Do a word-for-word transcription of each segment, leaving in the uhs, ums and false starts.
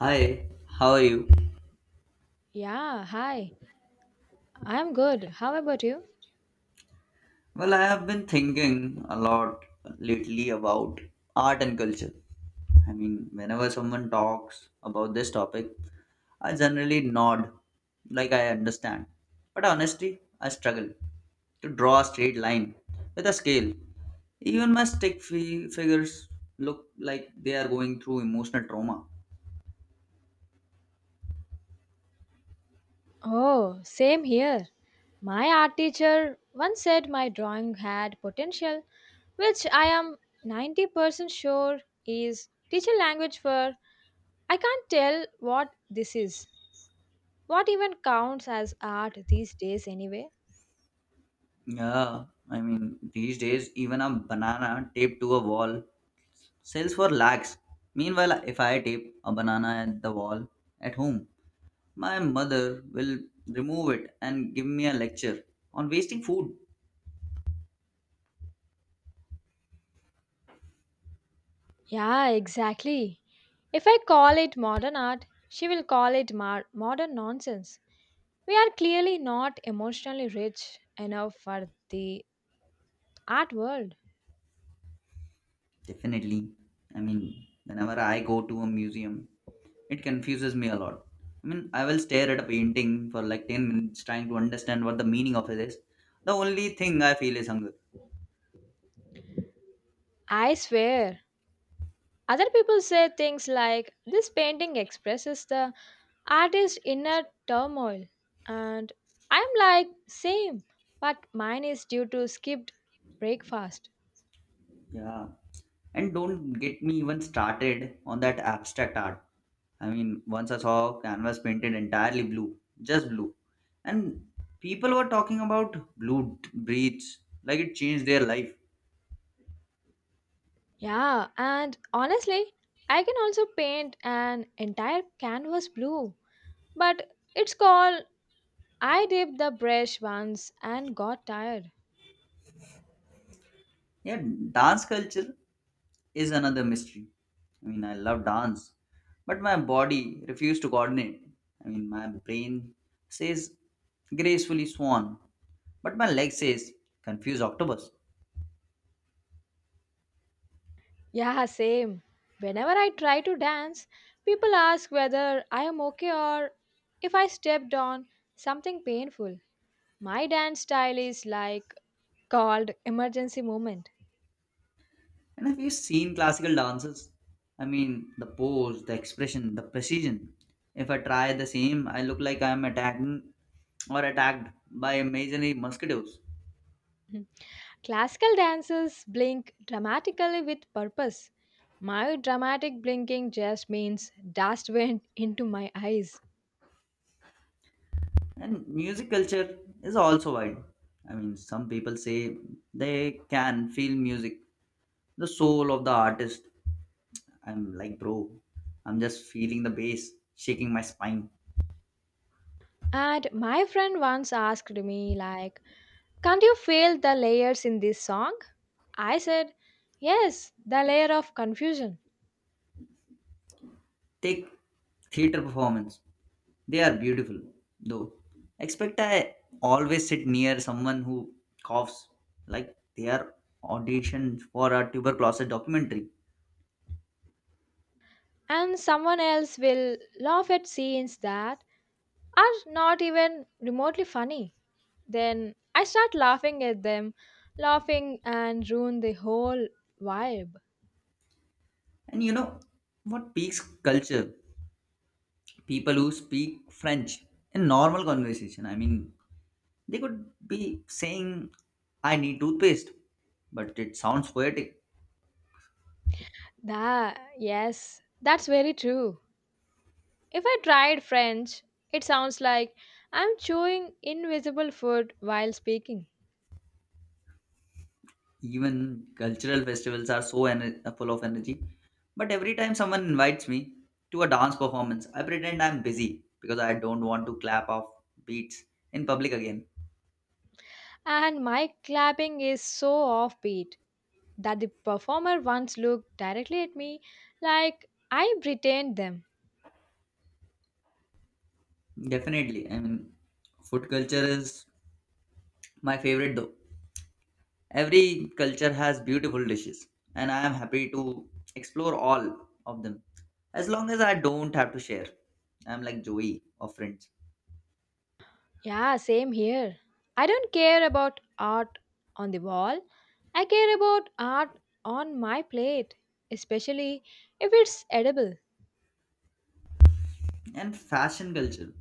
Hi, how are you? Yeah, hi. I'm good. How about you? Well, I have been thinking a lot lately about art and culture. I mean, whenever someone talks about this topic, I generally nod like I understand. But honestly, I struggle to draw a straight line with a scale. Even my stick fi- figures look like they are going through emotional trauma. Oh, same here. My art teacher once said my drawing had potential, which I am ninety percent sure is teacher language for I can't tell what this is. What even counts as art these days, anyway? Yeah, I mean, these days, even a banana taped to a wall sells for lakhs. Meanwhile, if I tape a banana at the wall at home, my mother will remove it and give me a lecture on wasting food. Yeah, exactly. If I call it modern art, she will call it mar- modern nonsense. We are clearly not emotionally rich enough for the art world. Definitely. I mean, whenever I go to a museum, it confuses me a lot. I mean, I will stare at a painting for like ten minutes trying to understand what the meaning of it is. The only thing I feel is hunger. I swear. Other people say things like, this painting expresses the artist's inner turmoil. And I'm like, same, but mine is due to skipped breakfast. Yeah. And don't get me even started on that abstract art. I mean, once I saw canvas painted entirely blue, just blue, and people were talking about blue t- breeds like it changed their life. Yeah, and honestly, I can also paint an entire canvas blue, but it's called I dipped the brush once and got tired. Yeah, dance culture is another mystery. I mean, I love dance, but my body refused to coordinate. I mean, my brain says gracefully swan, but my leg says confused octopus. Yeah, same. Whenever I try to dance, people ask whether I am okay or if I stepped on something painful. My dance style is like called emergency movement. And have you seen classical dances? I mean, the pose, the expression, the precision. If I try the same, I look like I am attacking or attacked by imaginary mosquitoes. Classical dancers blink dramatically with purpose. My dramatic blinking just means dust went into my eyes. And music culture is also wide. I mean, some people say they can feel music, the soul of the artist. I'm like, bro, I'm just feeling the bass shaking my spine. And my friend once asked me like, can't you feel the layers in this song? I said, yes, the layer of confusion. Take theater performance. They are beautiful, though. Expect I always sit near someone who coughs like they are auditioned for a tuberculosis documentary. And someone else will laugh at scenes that are not even remotely funny. Then I start laughing at them, laughing and ruin the whole vibe. And you know what peaks culture? People who speak French in normal conversation. I mean, they could be saying, I need toothpaste, but it sounds poetic. Da, yes, that's very true. If I tried French, it sounds like I'm chewing invisible food while speaking, Even cultural festivals are so ener- full of energy. But every time someone invites me to a dance performance, I pretend I'm busy because I don't want to clap off beats in public again. and my clapping is so offbeat that the performer once looked directly at me like I pretend them. Definitely. I mean, food culture is my favorite though. Every culture has beautiful dishes, and I am happy to explore all of them as long as I don't have to share. I'm like Joey of Friends. Yeah, same here. I don't care about art on the wall. I care about art on my plate, especially if it's edible. And fashion culture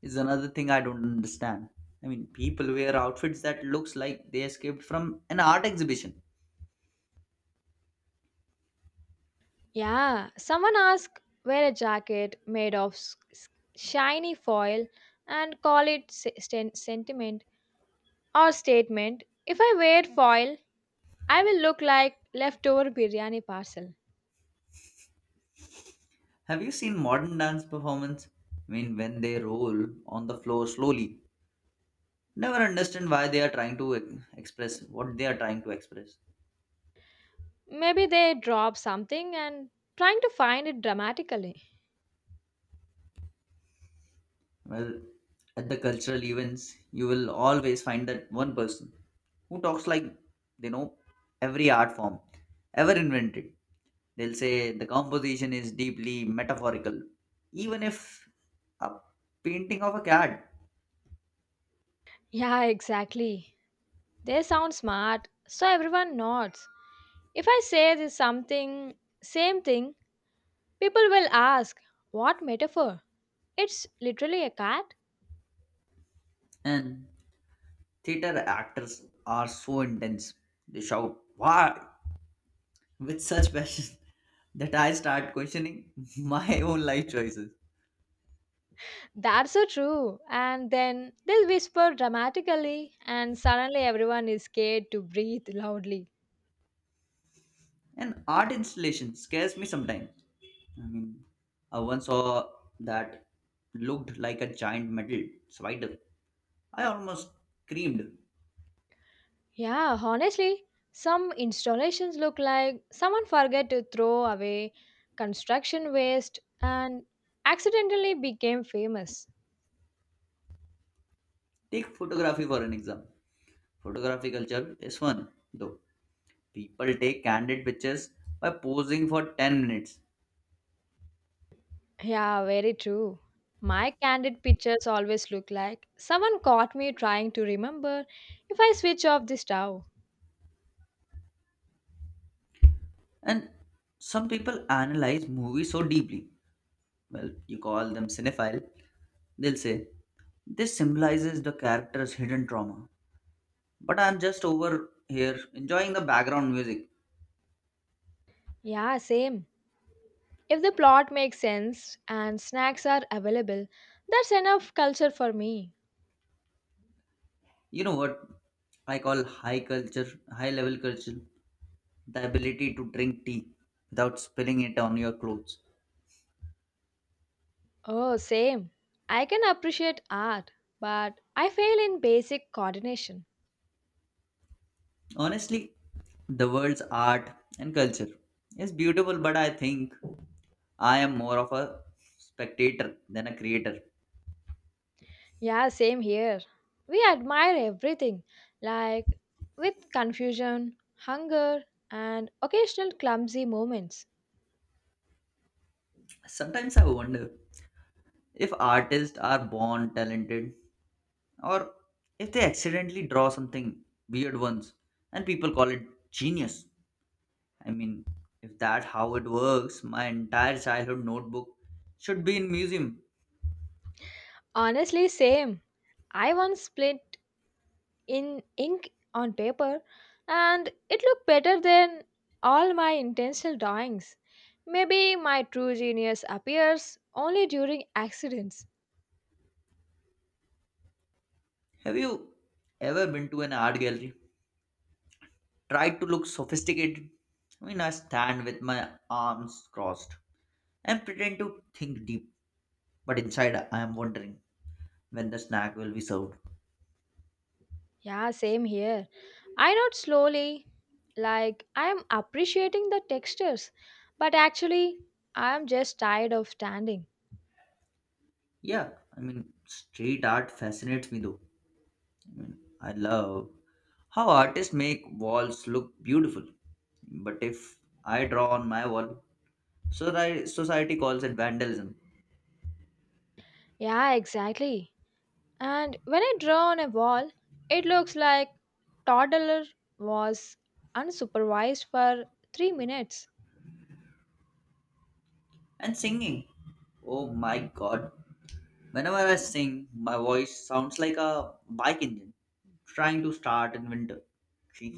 is another thing I don't understand. I mean, people wear outfits that looks like they escaped from an art exhibition. Yeah, someone asked wear a jacket made of s- s- shiny foil and call it se- sen- sentiment or statement. If I wear foil, I will look like leftover biryani parcel. Have you seen modern dance performance? I mean, when they roll on the floor slowly, never understand why they are trying to e- express what they are trying to express. Maybe they drop something and trying to find it dramatically. Well, at the cultural events, you will always find that one person who talks like they know every art form ever invented. They'll say the composition is deeply metaphorical, even if a painting of a cat. Yeah, exactly. They sound smart, so everyone nods. If I say this something, same thing, people will ask, what metaphor? It's literally a cat. And theater actors are so intense. They shout, Why? with such passion that I start questioning my own life choices. That's so true. And then they'll whisper dramatically, and suddenly everyone is scared to breathe loudly. And art installation scares me sometimes. I mean, I once saw that looked like a giant metal spider. I almost screamed. Yeah, honestly, some installations look like someone forgot to throw away construction waste and accidentally became famous. Take photography for an exam. Photography culture is fun, though. People take candid pictures by posing for ten minutes. Yeah, very true. My candid pictures always look like someone caught me trying to remember if I switch off the stove. And some people analyze movies so deeply. Well, you call them cinephile. They'll say, this symbolizes the character's hidden trauma. But I'm just over here enjoying the background music. Yeah, same. If the plot makes sense and snacks are available, that's enough culture for me. You know what I call high culture, high level culture? The ability to drink tea without spilling it on your clothes. Oh, same. I can appreciate art, but I fail in basic coordination. Honestly, the world's art and culture is beautiful, but I think I am more of a spectator than a creator. Yeah, same here. We admire everything, like with confusion, hunger, and occasional clumsy moments. Sometimes I wonder if artists are born talented or if they accidentally draw something weird once and people call it genius. I mean, if that how it works, my entire childhood notebook should be in museum. Honestly, same. I once split in ink on paper, and it looked better than all my intentional drawings. Maybe my true genius appears only during accidents. Have you ever been to an art gallery? Tried to look sophisticated? I mean, I stand with my arms crossed and pretend to think deep, but inside I am wondering when the snack will be served. Yeah, same here. I nod slowly, like I am appreciating the textures, but actually, I am just tired of standing. Yeah, I mean, street art fascinates me though. I mean, I love how artists make walls look beautiful. But if I draw on my wall, Soci- Society calls it vandalism. Yeah, exactly. And when I draw on a wall, it looks like toddler was unsupervised for three minutes. And singing. Oh my god. Whenever I sing, my voice sounds like a bike engine trying to start in winter.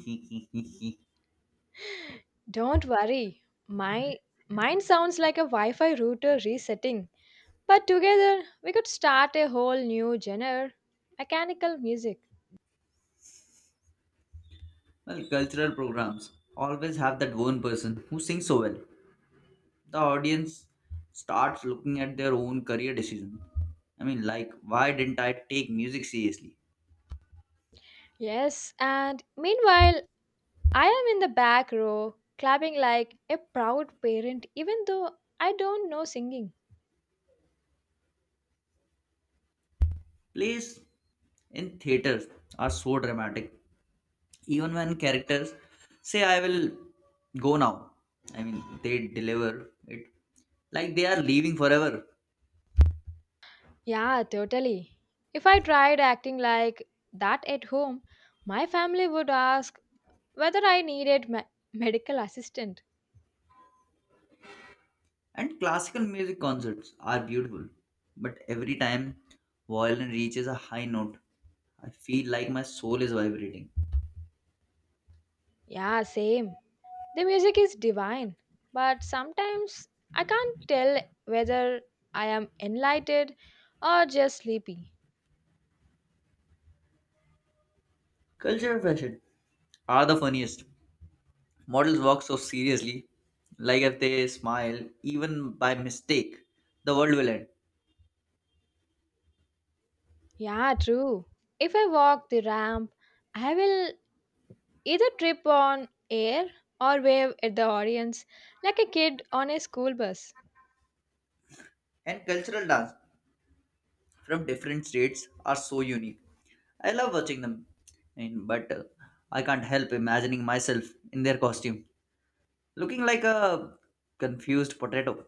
Don't worry. My mine sounds like a Wi-Fi router resetting. But together, we could start a whole new genre, mechanical music. Well, cultural programs always have that one person who sings so well. The audience starts looking at their own career decision. I mean, like, why didn't I take music seriously? Yes, and meanwhile, I am in the back row, clapping like a proud parent, even though I don't know singing. Plays in theaters are so dramatic even when characters say I will go now. I mean, they deliver it like they are leaving forever. Yeah, totally. If I tried acting like that at home, my family would ask whether I needed me- medical assistant. And classical music concerts are beautiful, but every time violin reaches a high note, I feel like my soul is vibrating. Yeah, same. The music is divine, but sometimes I can't tell whether I am enlightened or just sleepy. Culture fashion are the funniest. Models walk so seriously, like if they smile even by mistake, the world will end. Yeah, true. If I walk the ramp, I will either trip on air or wave at the audience like a kid on a school bus. And cultural dance from different states are so unique. I love watching them, and, but uh, I can't help imagining myself in their costume, looking like a confused potato.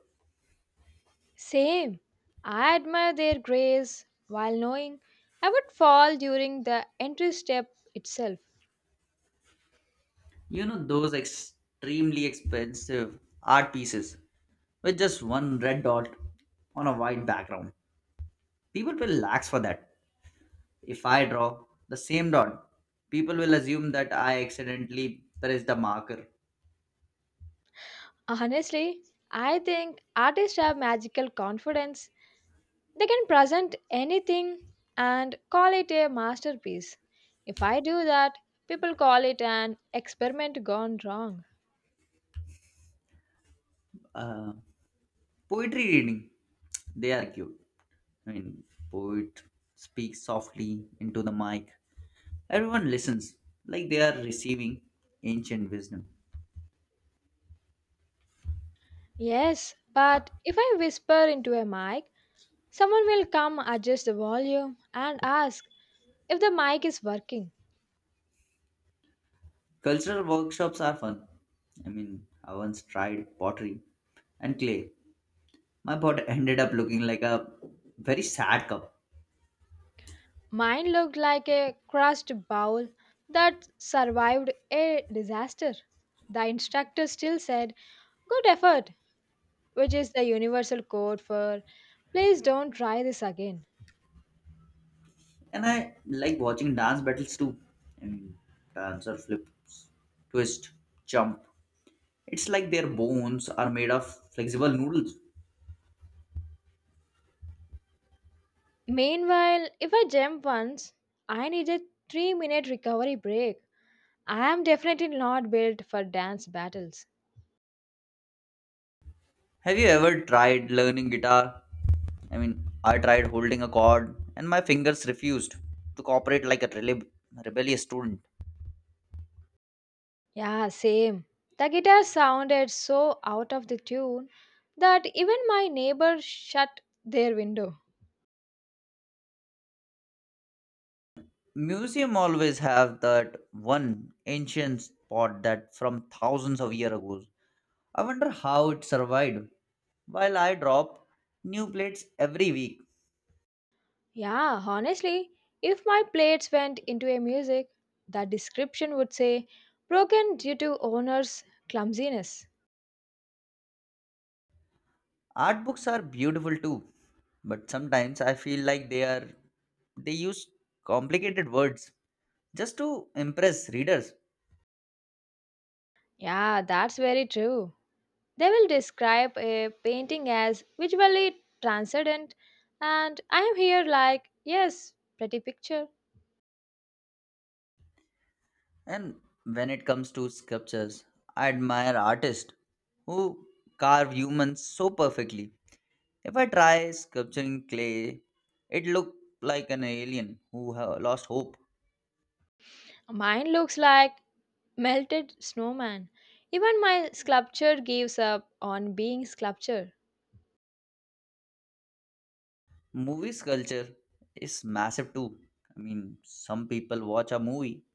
Same. I admire their grace while knowing I would fall during the entry step itself. You know, those extremely expensive art pieces with just one red dot on a white background. People will lax for that. If I draw the same dot, people will assume that I accidentally pressed the marker. Honestly, I think artists have magical confidence. They can present anything and call it a masterpiece. If I do that, people call it an experiment gone wrong. Uh, Poetry reading, they are cute. I mean, poet speaks softly into the mic. Everyone listens like they are receiving ancient wisdom. Yes, but if I whisper into a mic, someone will come adjust the volume and ask if the mic is working. Cultural workshops are fun. I mean, I once tried pottery and clay. My pot ended up looking like a very sad cup. Mine looked like a crushed bowl that survived a disaster. The instructor still said, good effort, which is the universal code for please don't try this again. And I like watching dance battles too. I And dancer flips, twist, jump. It's like their bones are made of flexible noodles. Meanwhile, if I jump once, I need a three minute recovery break. I am definitely not built for dance battles. Have you ever tried learning guitar? I mean, I tried holding a chord and my fingers refused to cooperate like a rele- rebellious student. Yeah, same. The guitar sounded so out of the tune that even my neighbor shut their window. Museum always have that one ancient spot that from thousands of years ago. I wonder how it survived. While I drop new plates every week. Yeah, honestly, if my plates went into a music, the description would say broken due to owner's clumsiness. Art books are beautiful too, but sometimes I feel like they are they use complicated words just to impress readers. Yeah, that's very true. They will describe a painting as visually transcendent, and I am here like, yes, pretty picture. And when it comes to sculptures, I admire artists who carve humans so perfectly. If I try sculpturing clay, it looks like an alien who have lost hope. Mine looks like melted snowman. Even my sculpture gives up on being sculpture. Movie sculpture is massive too. I mean, some people watch a movie,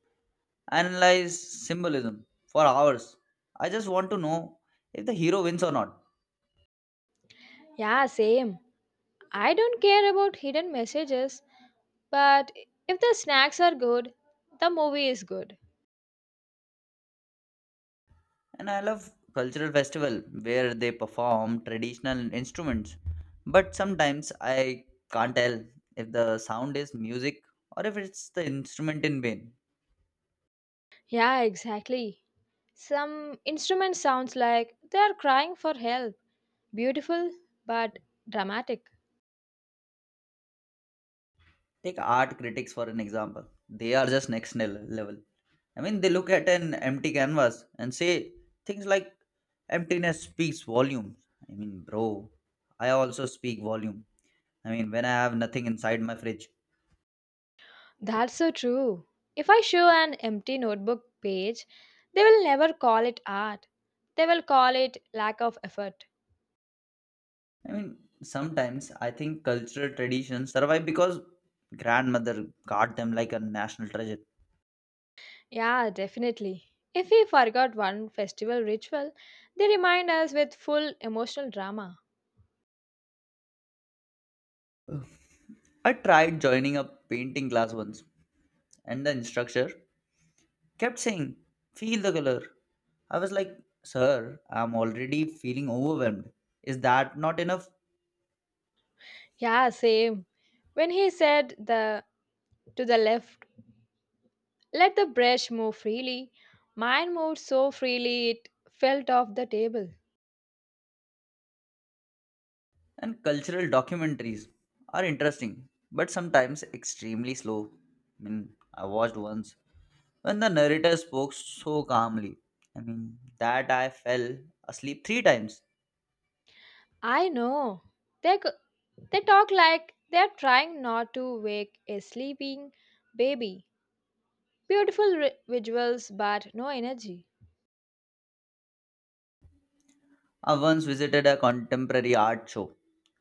analyze symbolism for hours. I just want to know if the hero wins or not. Yeah, same. I don't care about hidden messages, but if the snacks are good, the movie is good. And I love cultural festival where they perform traditional instruments, but sometimes I can't tell if the sound is music or if it's the instrument in vain. Yeah, exactly. Some instrument sounds like they are crying for help. Beautiful but dramatic. Take art critics for an example. They are just next nil- level. I mean, they look at an empty canvas and say things like emptiness speaks volumes. I mean, bro, I also speak volume, I mean, when I have nothing inside my fridge. That's so true. If I show an empty notebook page, they will never call it art. They will call it lack of effort. I mean, sometimes I think cultural traditions survive because grandmother guard them like a national treasure. Yeah, definitely. If we forgot one festival ritual, they remind us with full emotional drama. I tried joining a painting class once, and the instructor kept saying, Feel the color. I was like, Sir, I'm already feeling overwhelmed. Is that not enough? Yeah, same. When he said the to the left, let the brush move freely, mine moved so freely it felt off the table. And cultural documentaries are interesting, but sometimes extremely slow. I mean, I watched once when the narrator spoke so calmly, I mean, that I fell asleep three times. I know. They g- they talk like they're trying not to wake a sleeping baby. Beautiful ri- visuals, but no energy. I once visited a contemporary art show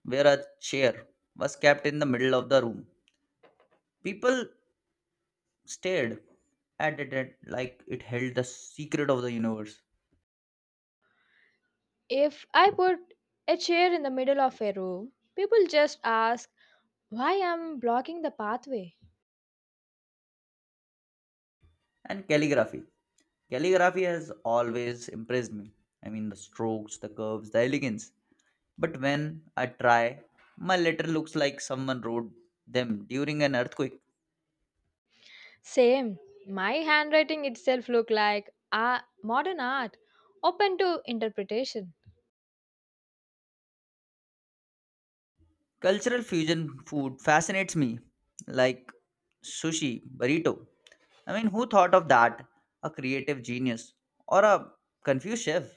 where a chair was kept in the middle of the room. People stared at it like it held the secret of the universe. If I put a chair in the middle of a room, people just ask why I'm blocking the pathway. And calligraphy. Calligraphy has always impressed me. I mean, the strokes, the curves, the elegance. But when I try, my letter looks like someone wrote them during an earthquake. Same. My handwriting itself look like a modern art, open to interpretation. Cultural fusion food fascinates me, like sushi, burrito. I mean, who thought of that? A creative genius or a confused chef?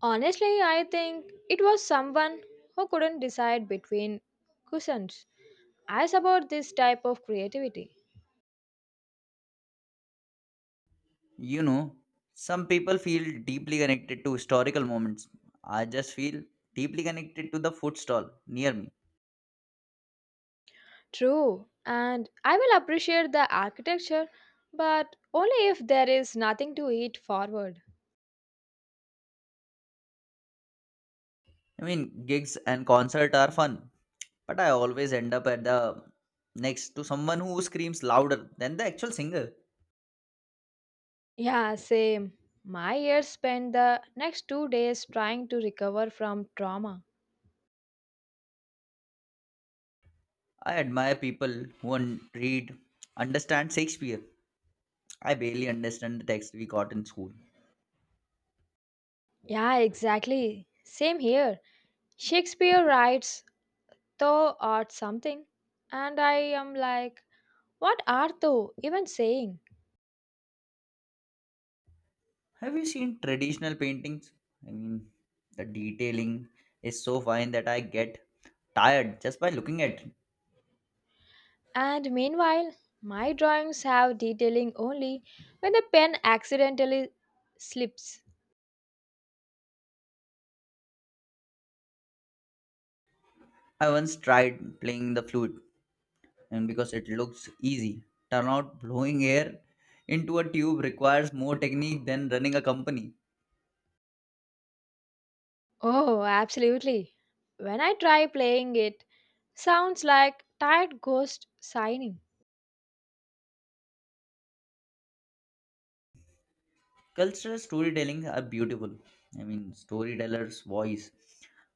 Honestly, I think it was someone who couldn't decide between cushions. I support this type of creativity. You know, some people feel deeply connected to historical moments. I just feel deeply connected to the food stall near me. True, and I will appreciate the architecture, but only if there is nothing to eat forward. I mean, gigs and concert are fun, but I always end up at the next to someone who screams louder than the actual singer. Yeah, same. My years spent the next two days trying to recover from trauma. I admire people who un- read, understand Shakespeare. I barely understand the text we got in school. Yeah, exactly. Same here. Shakespeare writes, thou art something. And I am like, what art thou even saying? Have you seen traditional paintings? I mean, the detailing is so fine that I get tired just by looking at it. And meanwhile, my drawings have detailing only when the pen accidentally slips. I once tried playing the flute, and because it looks easy, turn out blowing air into a tube requires more technique than running a company. Oh, absolutely. When I try playing it, sounds like tired ghost signing. Cultural storytelling are beautiful. I mean, storyteller's voice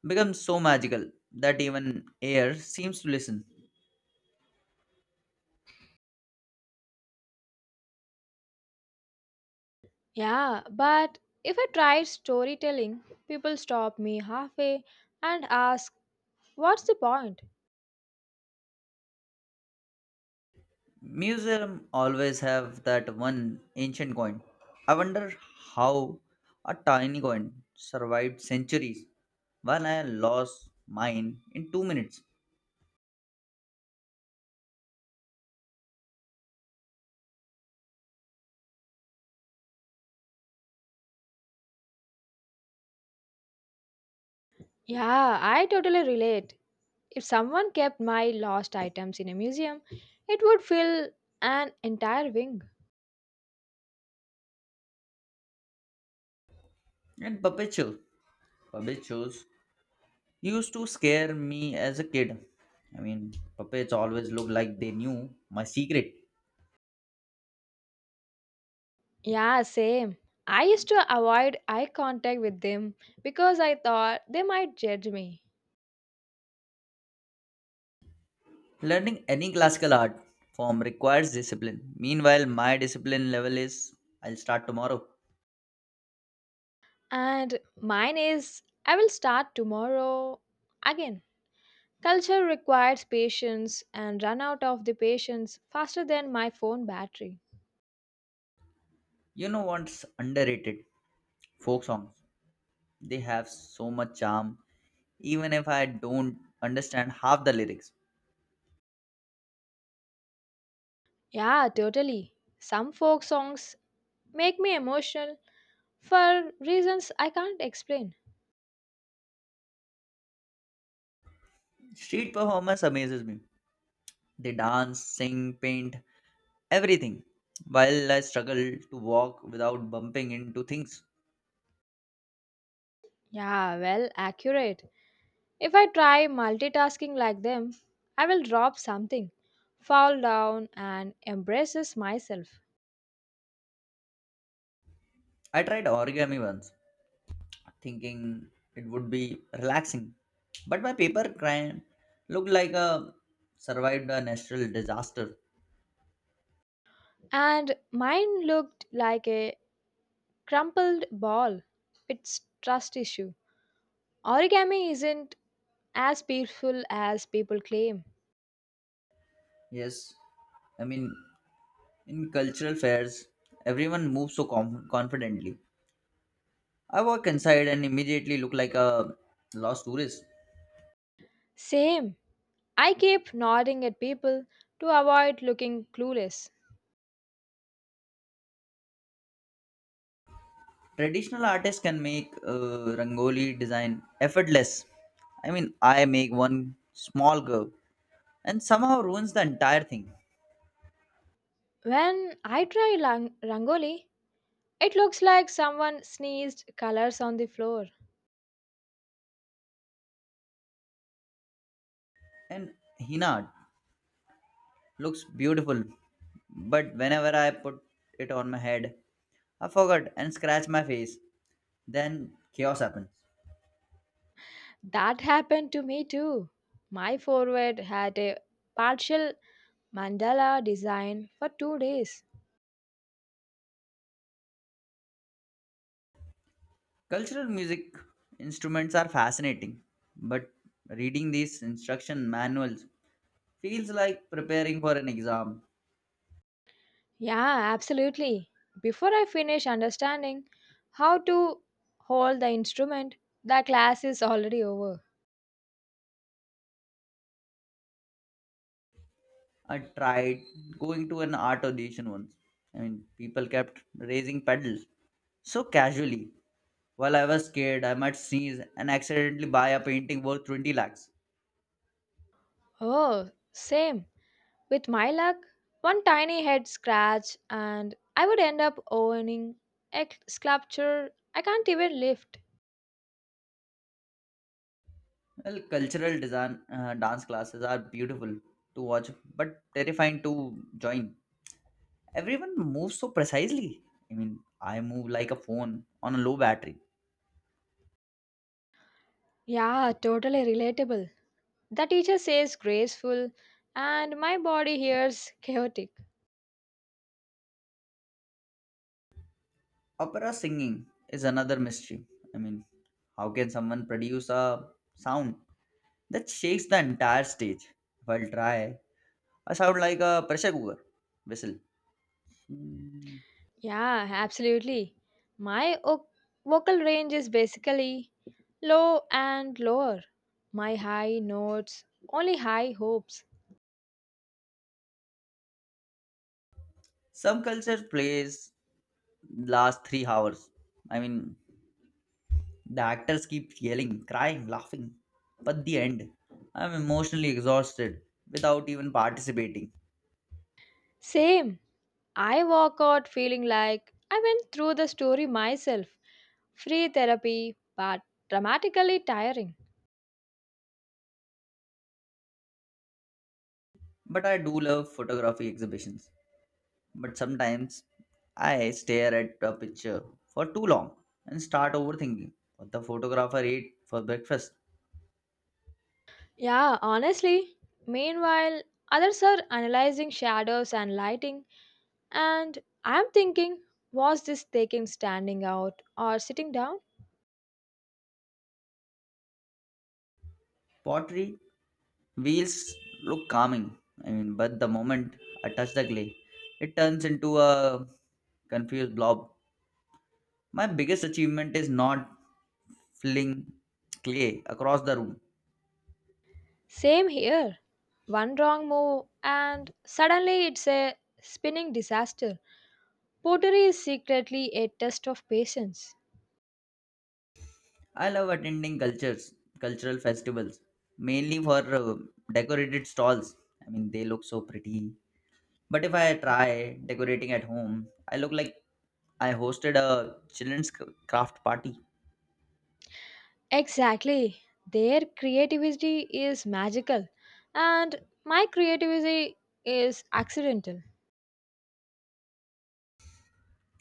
becomes so magical that even air seems to listen. Yeah, but if I try storytelling, people stop me halfway and ask, what's the point? Museum always have that one ancient coin. I wonder how a tiny coin survived centuries when I lost mine in two minutes. Yeah, I totally relate. If someone kept my lost items in a museum, it would fill an entire wing. And perpetual perpetuals used to scare me as a kid. I mean, puppets always look like they knew my secret. Yeah, same. I used to avoid eye contact with them because I thought they might judge me. Learning any classical art form requires discipline. Meanwhile, my discipline level is I'll start tomorrow. And mine is I will start tomorrow again. Culture requires patience and run out of the patience faster than my phone battery. You know what's underrated? Folk songs. They have so much charm, even if I don't understand half the lyrics. Yeah, totally. Some folk songs make me emotional for reasons I can't explain. Street performance amazes me. They dance, sing, paint, everything. While I struggle to walk without bumping into things. Yeah, well, accurate. If I try multitasking like them, I will drop something, fall down, and embraces myself. I tried origami once, thinking it would be relaxing, but my paper crane looked like a survived a natural disaster. And mine looked like a crumpled ball. It's trust issue. Origami isn't as peaceful as people claim. Yes, I mean, in cultural fairs, everyone moves so com- confidently. I walk inside and immediately look like a lost tourist. Same. I keep nodding at people to avoid looking clueless. Traditional artists can make uh, rangoli design effortless. I mean, I make one small curve and somehow ruins the entire thing. When I try lang- rangoli, it looks like someone sneezed colors on the floor. And Hina looks beautiful, but whenever I put it on my head, I forget and scratch my face. Then chaos happens. That happened to me too. My forward had a partial mandala design for two days. Cultural music instruments are fascinating, but reading these instruction manuals feels like preparing for an exam. Yeah, absolutely. Before I finish understanding how to hold the instrument, the class is already over. I tried going to an art audition once. I mean, people kept raising pedals so casually. While I was scared, I might sneeze and accidentally buy a painting worth twenty lakhs. Oh, same. With my luck, one tiny head scratch, and I would end up owning a sculpture I can't even lift. Well, cultural design uh, dance classes are beautiful to watch, but terrifying to join. Everyone moves so precisely. I mean, I move like a phone on a low battery. Yeah, totally relatable. The teacher says graceful, and my body hears chaotic. Opera singing is another mystery. I mean, how can someone produce a sound that shakes the entire stage. While dry, I sound like a pressure cooker whistle. Mm. Yeah, absolutely. My o- vocal range is basically low and lower. My high notes, only high hopes. Some culture plays last three hours. I mean, the actors keep yelling, crying, laughing. But the end, I'm emotionally exhausted without even participating. Same. I walk out feeling like I went through the story myself. Free therapy, but dramatically tiring. But I do love photography exhibitions. But sometimes I stare at a picture for too long and start overthinking what the photographer ate for breakfast. Yeah, honestly. Meanwhile, others are analyzing shadows and lighting. And I'm thinking, was this taking standing out or sitting down? Pottery wheels look calming, I mean, but the moment I touch the clay, it turns into a confused blob. My biggest achievement is not filling clay across the room. Same here. One wrong move, and suddenly it's a spinning disaster. Pottery is secretly a test of patience. I love attending cultures, cultural festivals, mainly for uh, decorated stalls. I mean, they look so pretty. But if I try decorating at home, I look like I hosted a children's craft party. Exactly. Their creativity is magical, and my creativity is accidental.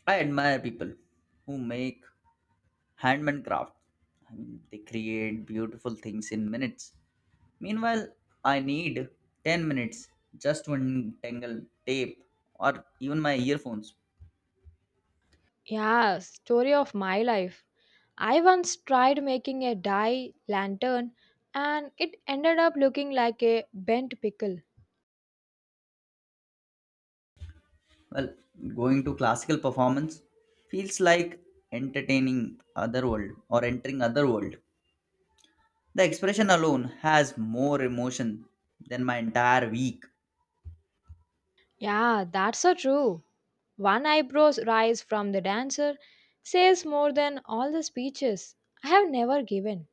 I admire people who make handmade craft, I mean, they create beautiful things in minutes. Meanwhile, I need ten minutes just to untangle tape or even my earphones. Yeah, story of my life. I once tried making a dye lantern and it ended up looking like a bent pickle. Well, going to classical performance feels like entertaining other world or entering other world. The expression alone has more emotion than my entire week. Yeah, that's so true. One eyebrow's rise from the dancer says more than all the speeches I have never given.